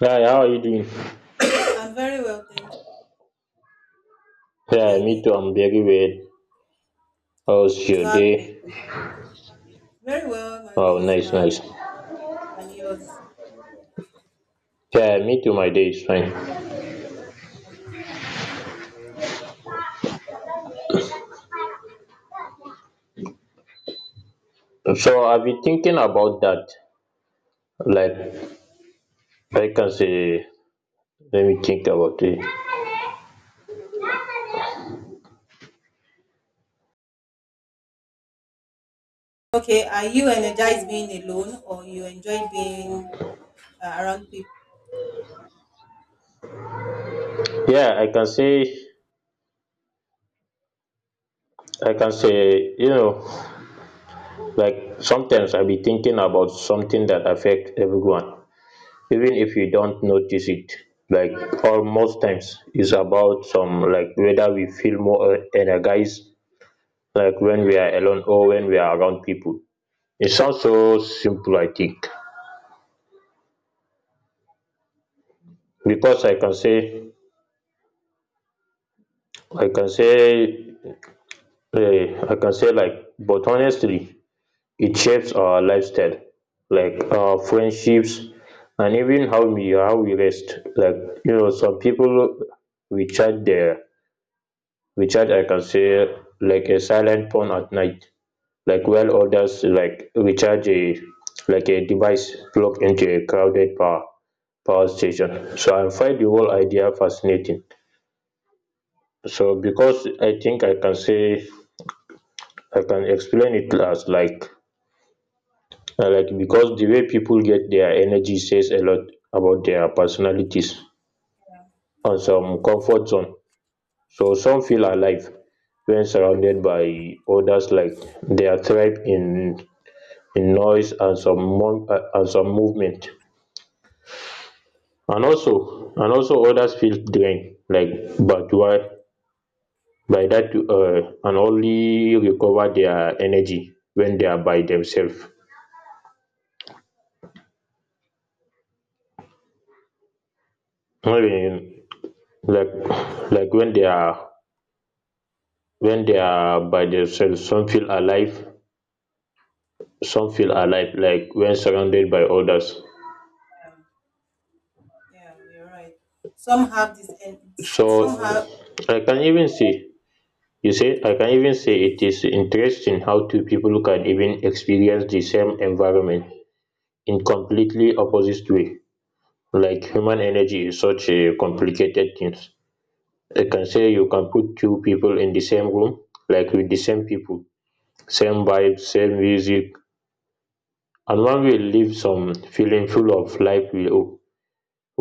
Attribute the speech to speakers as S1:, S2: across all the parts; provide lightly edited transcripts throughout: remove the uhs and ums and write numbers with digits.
S1: Hi, how are you doing?
S2: I'm very well, thank
S1: Yeah,
S2: you
S1: me
S2: again.
S1: too. I'm very well. How's
S2: Good to
S1: your
S2: have you
S1: day?
S2: again. Very well, my
S1: Oh,
S2: day is
S1: nice,
S2: fine
S1: nice.
S2: and yours.
S1: Yeah, me too. My day is fine. So I've been thinking about that. Like I can say, let me think about it.
S2: Okay, are you energized being alone or you enjoy being around people?
S1: Yeah, I can say, you know, like sometimes I be thinking about something that affects everyone, even if you don't notice it. Like or most times, it's about some like whether we feel more energized like when we are alone or when we are around people. It sounds so simple, I think, because I can say, I can say like, but honestly, it shapes our lifestyle, like our friendships, and even how we rest. Like you know, some people we charge their we charge like a silent phone at night, like while others like recharge a like a device plugged into a crowded power station. So I find the whole idea fascinating. So because I think I can explain it as like because the way people get their energy says a lot about their personalities and some comfort zone. So some feel alive when surrounded by others like their tribe in noise and and some movement and also others feel drained like but why by that, and only recover their energy when they are by themselves. um like like when they are when they are by themselves, some feel alive like when surrounded by others.
S2: Yeah, you're right. Some have this, and
S1: So
S2: somehow,
S1: I can even say you say I can even say it is interesting how two people can even experience the same environment in completely opposite way. Like human energy is such a complicated thing. I can say you can put two people in the same room, like with the same people, same vibes, same music, and one will leave some feeling full of life,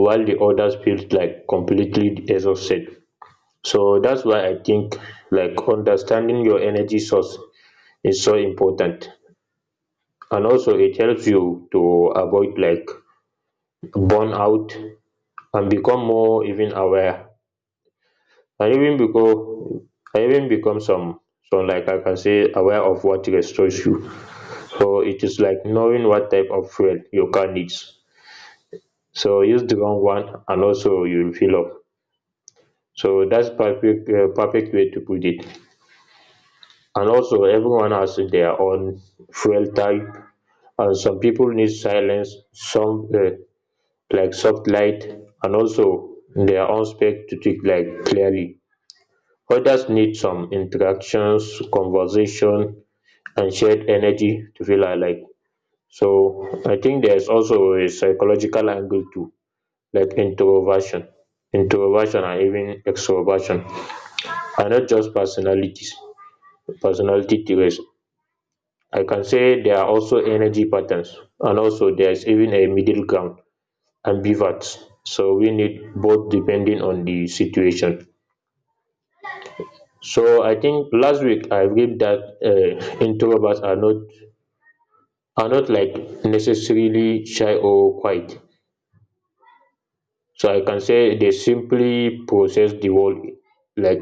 S1: while the others feels like completely exhausted. So that's why I think like understanding your energy source is so important. And also it helps you to avoid like burnout and become more even aware. I even become I even become some Like I can say aware of what restores you. So it is like knowing what type of fuel your car needs, so use the wrong one and also you will fill up. So that's perfect way to put it. And also everyone has their own fuel type. And some people need silence, some like soft light, and also their own spec to think like clearly. Others need some interactions, conversation, and shared energy to feel alike. So I think there's also a psychological angle too, like introversion, and even extroversion are not just personality traits. I can say there are also energy patterns, and also there's even a middle ground, ambiverts. So we need both depending on the situation. So I think last week I read that introverts are not like necessarily shy or quiet. So I can say they simply process the world like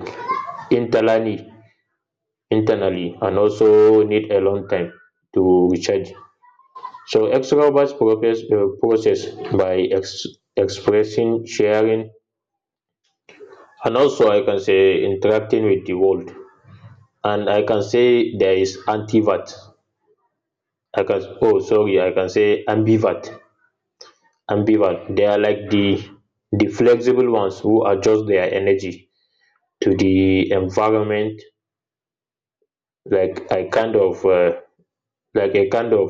S1: internally, internally, and also need a long time to recharge. So extroverts process by ex- expressing, sharing, and also I can say interacting with the world. And I can say there is antivert. I can oh sorry, I can say ambivert. Ambivert. They are like the flexible ones who adjust their energy to the environment. Like I kind of like I kind of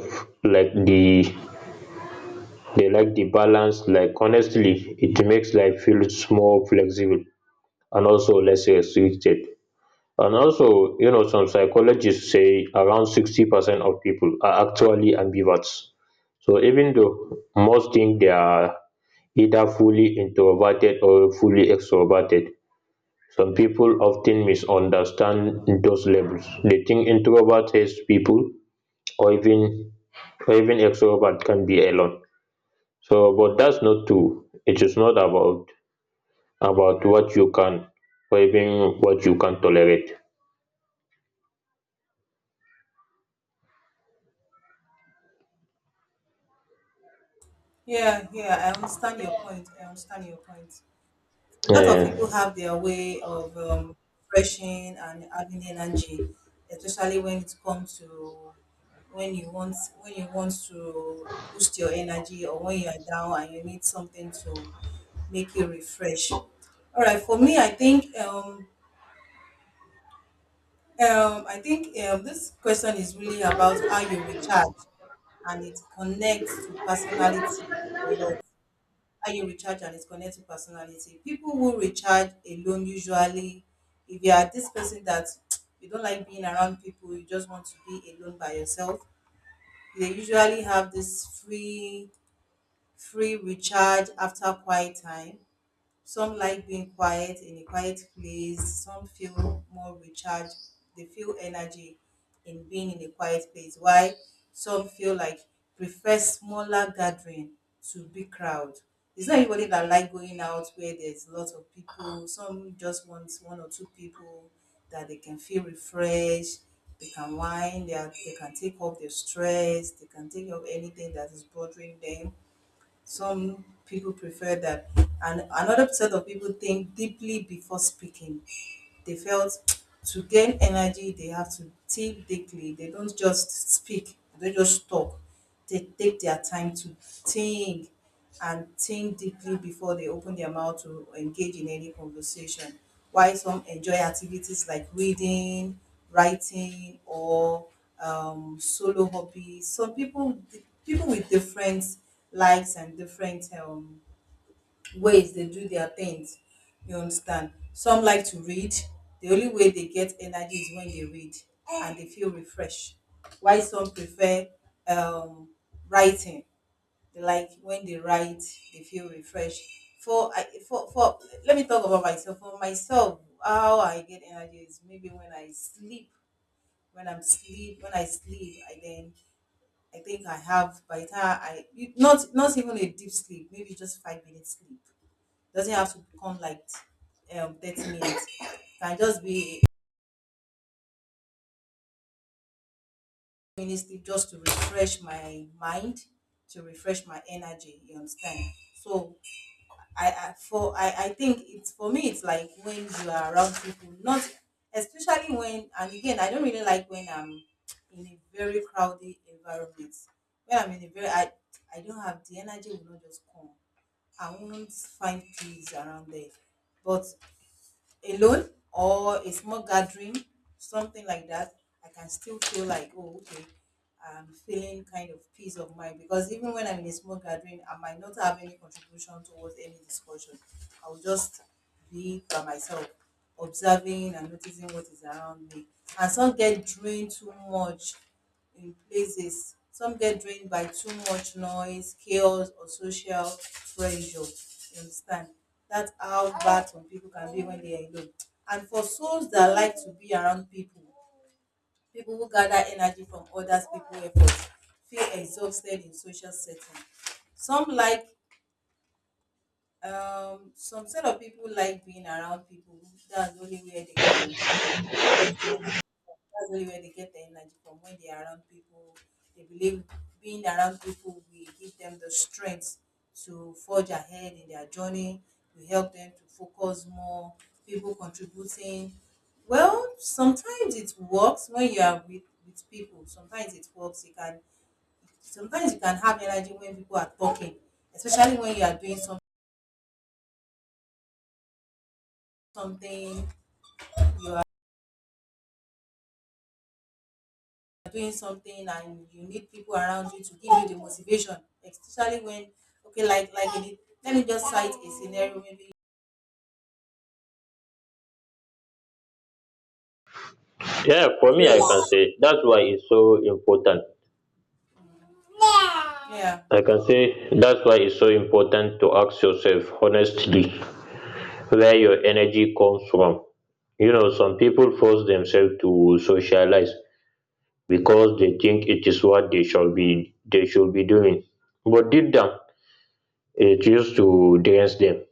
S1: like the They like the balance. Like honestly, it makes life feel more flexible and also less restricted. And also, you know, some psychologists say around 60% of people are actually ambiverts. So even though most think they are either fully introverted or fully extroverted, some people often misunderstand those labels. They think introvert hates people, or even or even extrovert can be alone. So, but that's not true. It is not about what you can or even what you can tolerate.
S2: yeah, yeah, I understand your point. I understand your point. A lot of
S1: Yeah,
S2: people have their way of refreshing and adding energy, especially when it comes to when you want to boost your energy, or when you are down and you need something to make you refresh. All right, for me, I think this question is really about how you recharge, and it connects to personality a lot. How you recharge and it's connected to personality. People who recharge alone, usually, if you are this person that you don't like being around people, you just want to be alone by yourself, they usually have this free recharge after quiet time. Some like being quiet in a quiet place. Some feel more recharged. They feel energy in being in a quiet place. Why? Some feel like prefer smaller gathering to big crowd. It's not everybody that like going out where there's lots of people. Some just want one or two people that they can feel refreshed. They can wind. They can take off their stress. They can take off anything that is bothering them. Some people prefer that. And another set of people think deeply before speaking. They felt to gain energy they have to think deeply. They don't just speak, they don't just talk. They take their time to think, and think deeply before they open their mouth to engage in any conversation. While some enjoy activities like reading, writing, or solo hobbies. Some people, people with different likes and different ways they do their things, you understand? Some like to read. The only way they get energy is when they read, and they feel refreshed. Why some prefer um writing. They like when they write, they feel refreshed. For i for for let me talk about myself. For myself, how I get energy is maybe when I sleep. When i'm sleep when I sleep, I then, I think I have, by the time I not even a deep sleep, maybe just 5 minutes sleep. Doesn't have to become like 30 minutes. Can just be a minute sleep, just to refresh my mind, to refresh my energy, you understand? So, I think it's, for me it's like when you are around people, not especially when. And again, I don't really like when I'm in a very crowded environment. When I'm in a very, I don't have the energy, will not just come. I won't find peace around there. But alone or a small gathering, something like that, I can still feel like, oh, okay, I'm feeling kind of peace of mind, because even when I'm in a small gathering, I might not have any contribution towards any discussion. I'll just be by myself, observing and noticing what is around me. And some get drained too much in places. Some get drained by too much noise, chaos, or social pressure. You understand? That's how bad some people can be when they are alone. And for souls that like to be around people, people who gather energy from others people's efforts feel exhausted in social setting. Some like some set of people like being around people. That's the only way they can. Yes, yes. That's really where they get the energy from, when they are around people. They believe being around people will give them the strength to forge ahead in their journey, will help them to focus more, people contributing. Well, sometimes it works when you are with people. Sometimes it works. You can, sometimes you can have energy when people are talking, especially when you are doing some, something, you doing something and you need people around you to give you the motivation, especially when, okay, like in it, let me just cite a scenario maybe
S1: yeah. For me, I can
S2: race.
S1: say that's why it's so important.
S2: Yeah,
S1: I can say that's why it's so important to ask yourself honestly where your energy comes from. You know, some people force themselves to socialize because they think it is what they should be doing. But deep down, it used to dance them.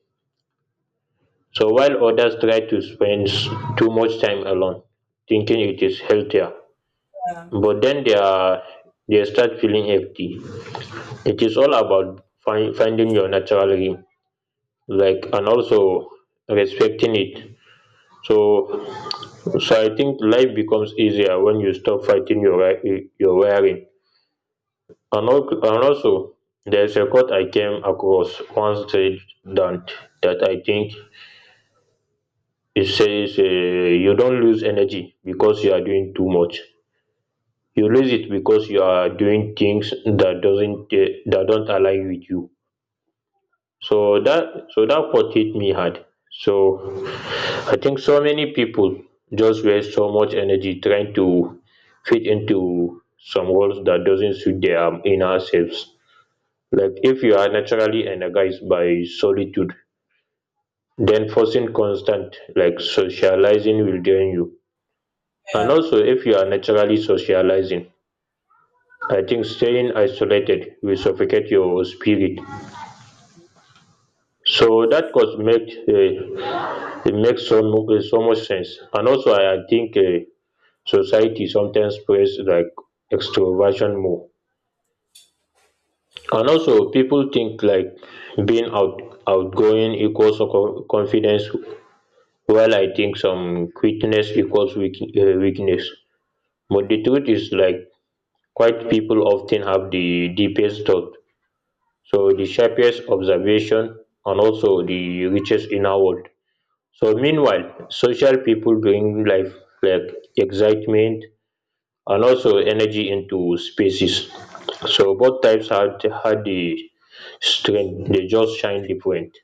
S1: So while others try to too much time alone, thinking it is healthier,
S2: yeah,
S1: but then they start feeling empty. It is all about finding your natural rhythm, like, and also respecting it. So so I think life becomes easier when you stop fighting your wiring. And also there's a quote I came across once said that that I think it says, you don't lose energy because you are doing too much. You lose it because you are doing things that doesn't eh, that don't align with you. so that so that quote hit me hard. So I think so many people just waste so much energy trying to fit into some roles that doesn't suit their inner selves. Like if you are naturally energized by solitude, then forcing constant like socializing will drain you. And
S2: yeah.
S1: also if you are naturally socializing, I think staying isolated will suffocate your spirit. So that could make It makes so much sense. And also I think society sometimes plays like extroversion more. And also people think like being outgoing equals confidence, while I think some quickness equals weakness. But the truth is like quite people often have the deepest thought, so the sharpest observation, and also the richest inner world. So meanwhile, social people bring life, like excitement, and also energy into spaces. So both types had the strength. They just shine different.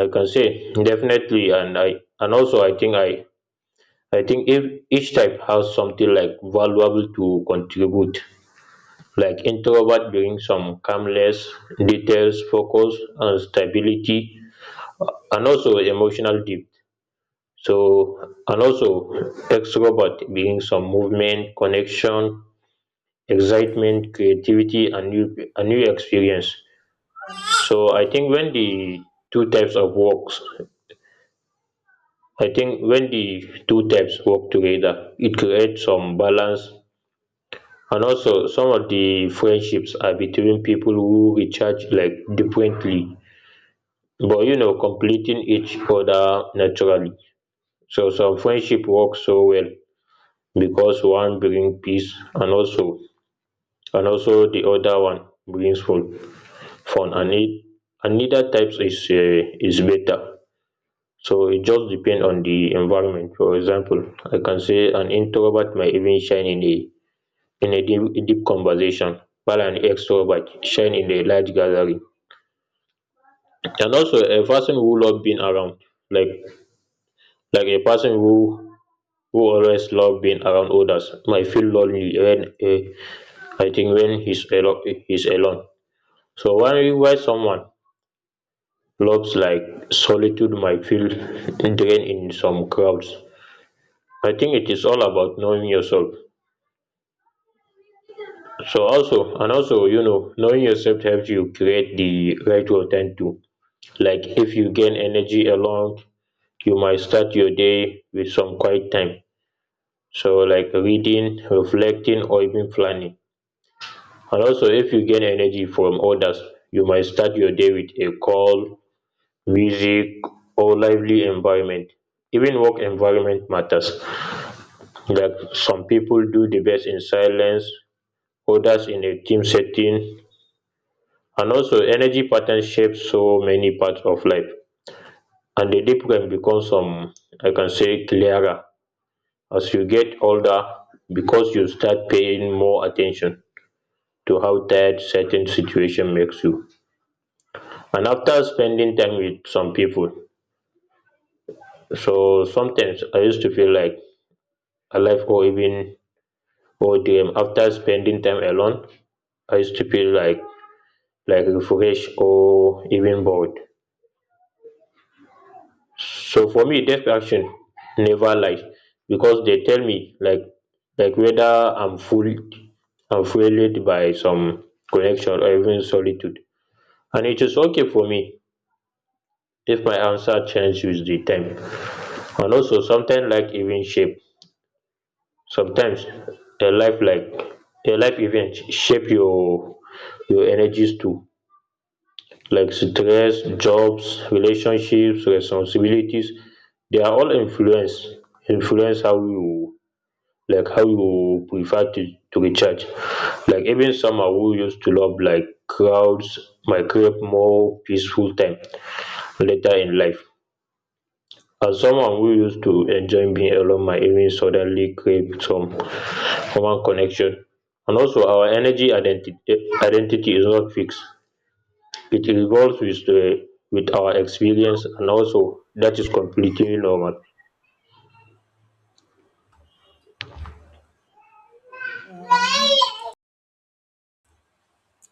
S1: I can say definitely, and I and also I think if each type has something like valuable to contribute. Like introvert doing some calmness, details, focus, and stability, and also emotional depth. So and also extrovert being some movement, connection, excitement, creativity, and new a new experience. So two types of works, I think when the two types work together, it creates some balance. And also some of the friendships are between people who recharge like differently, but you know, completing each other naturally. So some friendship work so well because one bring peace, and also the other one brings fun. fun and it and neither types is better. So it just depends on the environment. For example, I can say an introvert might even shine in a deep conversation, while an extrovert shine in a large gathering. And also like a person who always love being around others might feel lonely when eh, I think when he's alone. So why someone loves like solitude might feel drained in some crowds. I think it is all about knowing yourself. So also and also you know, knowing yourself helps you create the right routine too. Like if you gain energy alone, you might start your day with some quiet time. So like reading, reflecting, or even planning. And also, if you gain energy from others, you might start your day with a call, music, or lively environment. Even work environment matters. Like some people do the best in silence, others in a team setting. And also, energy patterns shape so many parts of life. And the difference becomes I can say, clearer as you get older, because you start paying more attention to how tired certain situation makes you. And after spending time with some people, so sometimes I used to feel like alive, or even or dream. After spending time alone, I used to feel like refreshed or even bored. So for me, death action never lies, because they tell me like whether I'm fueled by some connection or even solitude. And it is okay for me if my answer changes with the time. And also sometimes like even shape sometimes a life like a life event shape your energies too, like stress, jobs, relationships, responsibilities. They are all influence how you, like how you prefer to recharge. Like even summer who used to love like crowds might crave more peaceful time later in life. As someone who used to enjoy being alone, my evening suddenly crave some human connection. And also our energy identity is not fixed. It evolves with the with our experience, and also that is completely normal.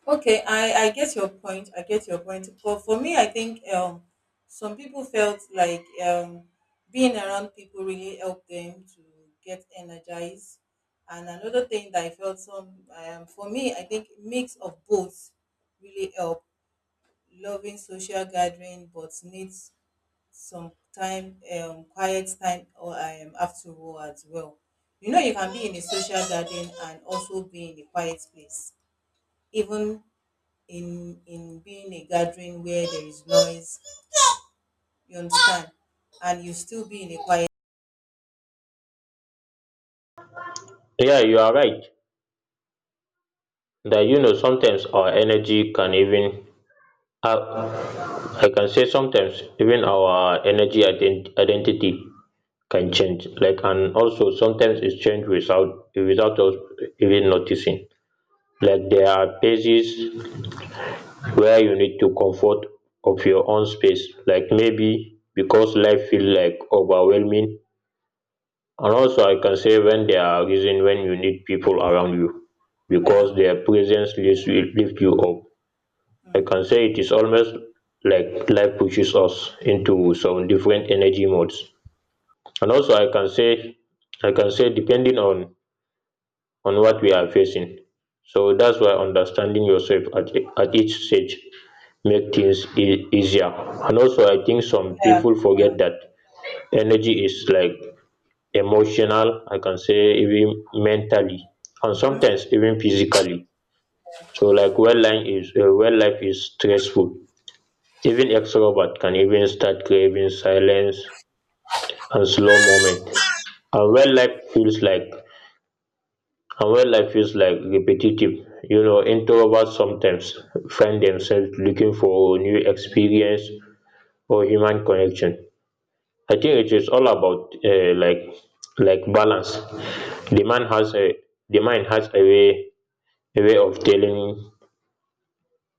S2: Okay, I get your point. I get your point. For me, I think some people felt like being around people really helped them to get energized. And another thing that I felt some for me, I think mix of both really helped. Loving social gathering but need some time, quiet time, or after work as well. You know, you can be in a social gathering and also be in a quiet place. Even in being a gathering where there is noise, you understand, and you still be in a quiet.
S1: Yeah, you are right, that you know sometimes our energy can even, uh, I can say sometimes even our energy identity can change like. And also sometimes it's changed without us even noticing. Like there are places where you need to comfort of your own space, like maybe because life feels like overwhelming. And also I can say when there are reason when you need people around you,
S2: Yeah.
S1: because their presence lifts you up. I can
S2: Mhm.
S1: say it is almost like life pushes us into some different energy modes. And also I can say depending on what we are facing. So that's why understanding yourself at each stage make things easier. And also I think some
S2: Yeah,
S1: people forget
S2: yeah.
S1: that energy is like emotional, I can say even mentally, and sometimes even physically. So like when life is stressful, even extrovert can even start craving silence and slow moment. And when life feels like and when life feels like repetitive, you know introverts sometimes find themselves looking for new experience or human connection. I think it is all about like balance. The man has a the mind has a way, a way of telling,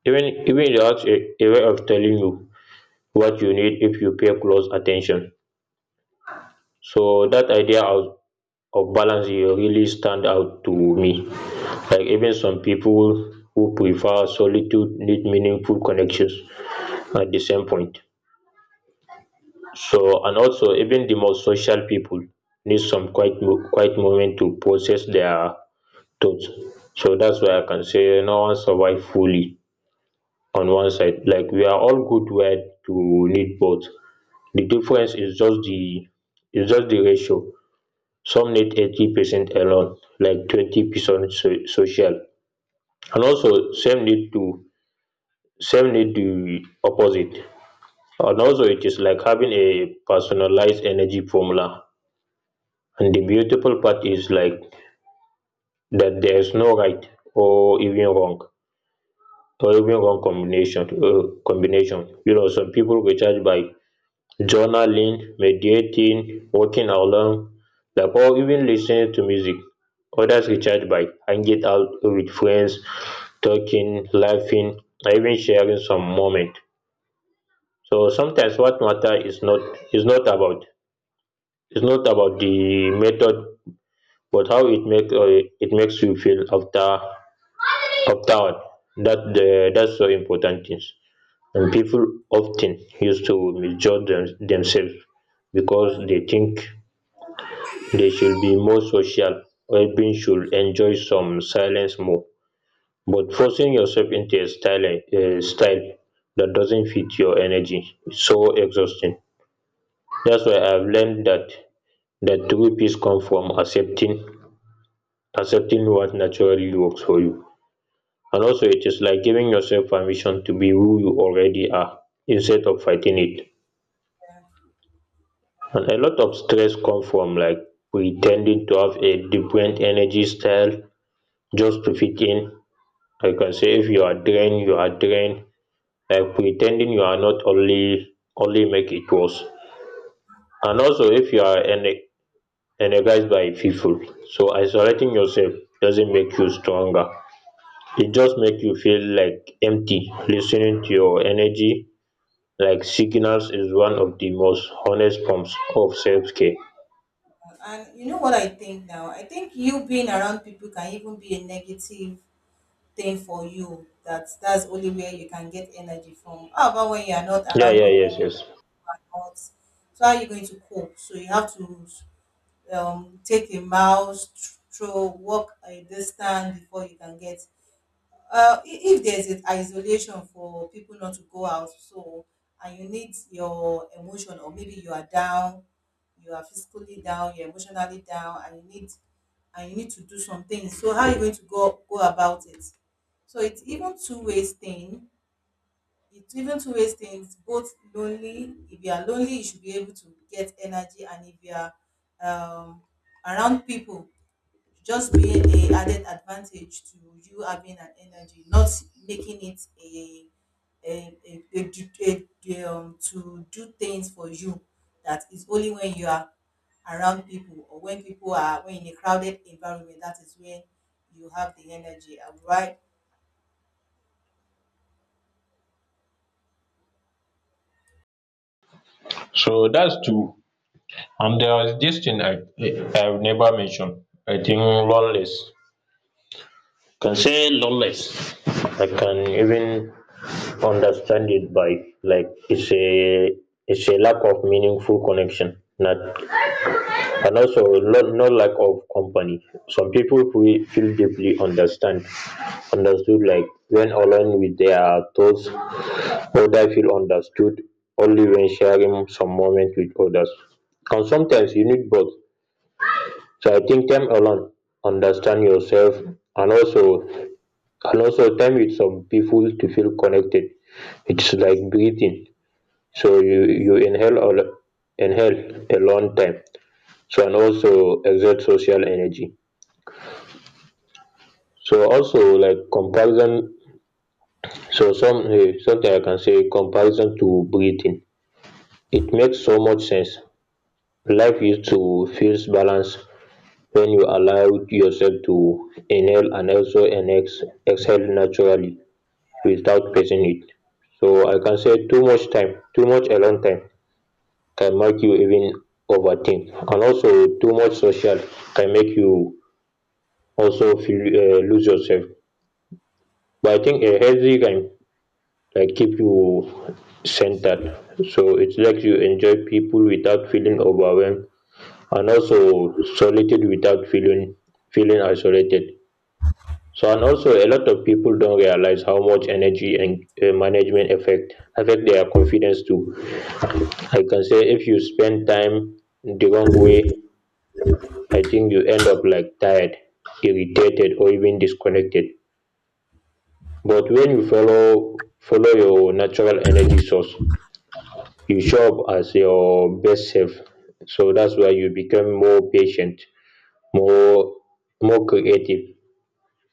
S1: even it has a way of telling you what you need if you pay close attention. So that idea of balance dey really stand out to me. Like even some people who prefer solitude need meaningful connections at the same point. So and also even the most social people need some quiet moment to process their thoughts. So that's why I can say no one survive fully on one side. Like we are all good wired to need both. The difference is just the ratio. Some need 80% alone, like 20% social. And also some need the opposite. And also it is like having a personalized energy formula. And the beautiful part is like that there is no right or even wrong combination, combination. You know some people recharge by journaling, meditating, walking alone, like or even listening to music. Others recharge by hanging out with friends, talking, laughing, or even sharing some moment. So sometimes what matter is not about the method, but how it make it makes you feel afterward. That the that's so important things. And people often used to misjudge themselves, because they think they should be more social, everyone should enjoy some silence more. But forcing yourself into a style that doesn't fit your energy is so exhausting. That's why I've learned that true peace comes from accepting what naturally works for you. And also it is like giving yourself permission to be who you already are, instead of fighting it. And a lot of stress comes from like pretending to have a different energy style just to fit in. Because if you are drained, you are drained. Like pretending you are not only make it worse. And also, if you are energized by people, so isolating yourself doesn't make you stronger. It just make you feel like empty. Listening to your energy, like signals, is one of the most honest forms of self care.
S2: And you know what, I think now I think you being around people can even be a negative thing for you, that that's only where you can get energy from. How about when you are not
S1: Yeah,
S2: around people, who
S1: yes.
S2: are not? So how are you going to cope? So you have to take a mouse, throw, walk a distance before you can get if there's an isolation for people not to go out, so, and you need your emotion, or maybe you are down, you are physically down, you're emotionally down, and you need, and you need to do some things, so how are you going to go go about it? So it's even two ways thing. It's even two ways thing. It's both lonely. If you are lonely you should be able to get energy, and if you are um, around people, just being a added advantage to you having an energy, not making it a a, a, a, do- to do things for you, that is only when you are around people or when people are, when in a crowded environment, that is when you have the energy. All right.
S1: So that's two. And there is this thing I've never mentioned. I think loneliness. Can say lawless. I can even understand it by like it's a lack of meaningful connection. Not and also not, No lack of company. Some people who feel deeply understand understood like when alone with their thoughts, others feel understood only when sharing some moment with others. And sometimes you need both. So I think time alone, understand yourself, and also and also time with some people to feel connected, it's like
S2: Mm,
S1: breathing. So you inhale a long time, so and also exert social energy. So also like comparison, so something I can say comparison to breathing, it makes so much sense. Life used to feels balanced when you allow yourself to inhale and also exhale naturally, without facing it. So I can say too much alone time can make you even overthink, and also too much social can make you also feel lose yourself. But I think a healthy kind like keep you centered. So it's like you enjoy people without feeling overwhelmed, and also solitude without feeling isolated. So and also a lot of people don't realize how much energy and management affect their confidence too. I can say if you spend time the wrong way, I think you end up like tired, irritated or even disconnected. But when you follow your natural energy source, you show up as your best self. So that's why you become more patient, more more creative,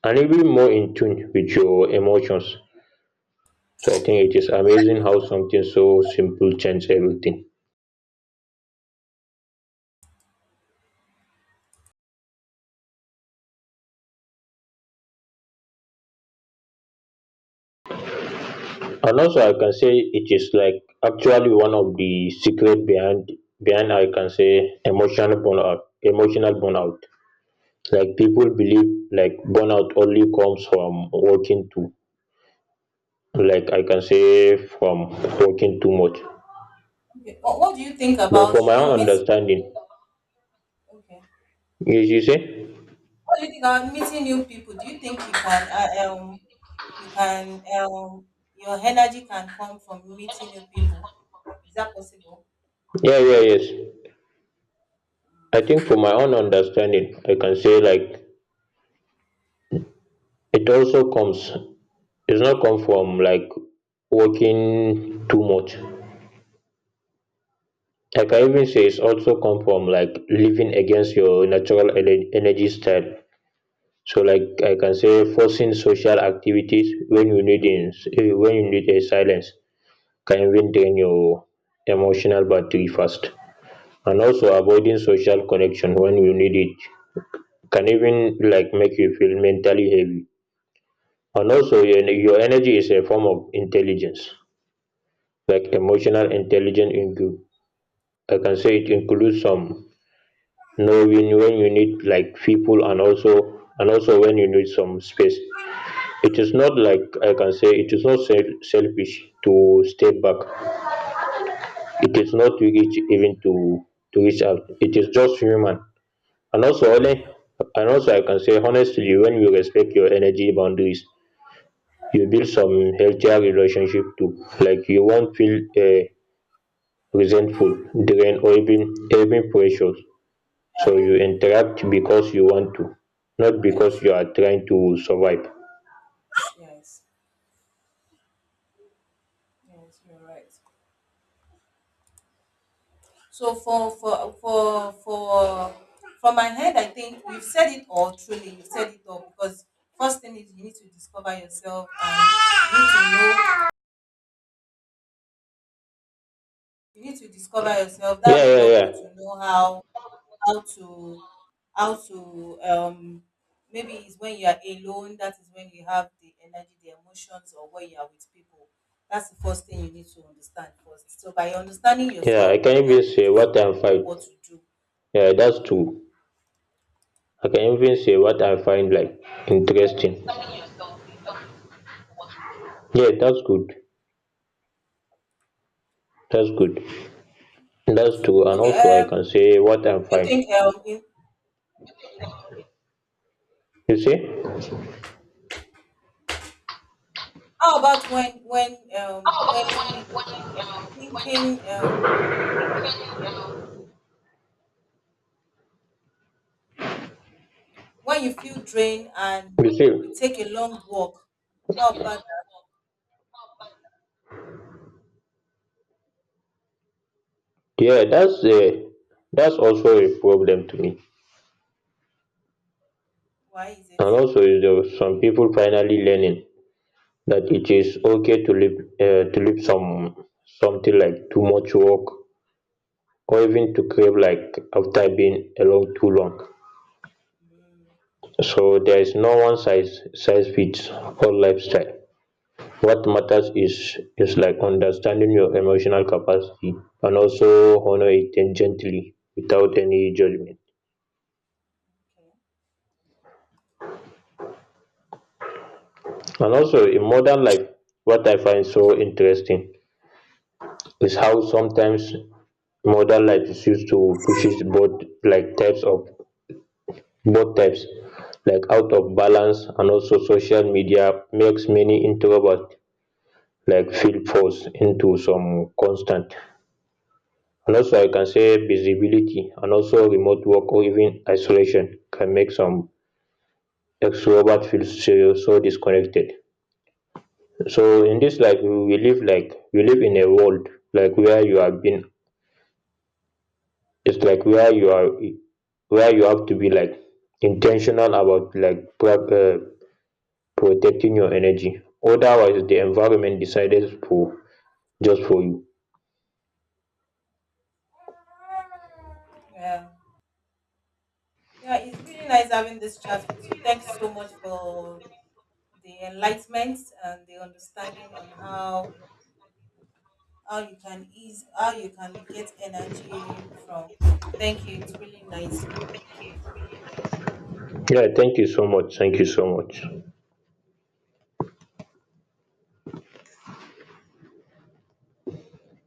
S1: and even more in tune with your emotions. So I think it is amazing how something so simple changes everything. And also I can say it is like actually one of the secret behind I can say emotional burnout. Like people believe like burnout only comes from working too, like I can say from working too much.
S2: okay. What do you think
S1: But for
S2: about
S1: my
S2: you
S1: own
S2: meeting,
S1: understanding,
S2: okay,
S1: you say,
S2: what do you think about meeting new people? Do you think you can your energy can come from meeting new people? Is that possible?
S1: yeah, yeah, yes. I think for my own understanding I can say like it also comes, it's not come from like working too much. Like I even say it's also come from like living against your natural energy style. So like I can say forcing social activities when you when you need a silence can even drain your emotional battery fast. And also avoiding social connection when you need it can even like make you feel mentally heavy. And also your energy is a form of intelligence, like emotional intelligence. Into I can say it includes some know when you need like people, and also when you need some space. It is not like, I can say it is not selfish to step back, it is not rich even to reach out, it is just human. And also I can say honestly when you respect your energy boundaries, you build some healthier relationship too. Like you won't feel resentful, drained or even pressured. So you
S2: Um,
S1: interact because you want to, not
S2: Yes,
S1: because you are trying to survive.
S2: yes, yes, you're right. So for from my head, I think you've said it all. Truly, you've said it all because first thing is you need to discover yourself, and you need to know, you need to discover yourself. That
S1: Yeah,
S2: will help you to know how to, how to maybe it's when you are alone that is when you have the energy, the emotions, or when you are with people. That's the first thing you need to understand first. So by understanding
S1: yeah,
S2: yourself
S1: I can
S2: will
S1: even
S2: help you
S1: say
S2: to
S1: what I
S2: know
S1: find,
S2: what to do.
S1: yeah, that's true. I can even say what I find like interesting. Yeah, that's good, that's good, that's true. And
S2: Okay,
S1: also I can say
S2: do
S1: what I
S2: you
S1: find.
S2: think
S1: You see.
S2: how about when thinking when you feel drained and
S1: You see.
S2: you take a long walk, how about that?
S1: Yeah, that's also a problem to me.
S2: Why is it?
S1: And also is there some people finally learning that it is okay to leave some something like too much work, or even to crave like after being alone too long. So there is no one size fits all lifestyle. What matters is like understanding your emotional capacity, and also honor it and gently without any judgment.
S2: Okay,
S1: And also in modern life, what I find so interesting is how sometimes modern life is used to pushes both like types of both types like out of balance. And also social media makes many introverts like feel forced into some constant, and also I can say visibility. And also remote work or even isolation can make some extrovert feel so, so disconnected. So in this like we live like we live in a world like where you have been, it's like where you are, where you have to be like intentional about like protecting your energy, otherwise the environment decides for, just for you.
S2: yeah. Yeah, it's really nice having this chat with you. Thanks so much for the enlightenment and the understanding on how you can ease, how you can get energy from. Thank you. It's really nice.
S1: Yeah, thank you so much, thank you so much.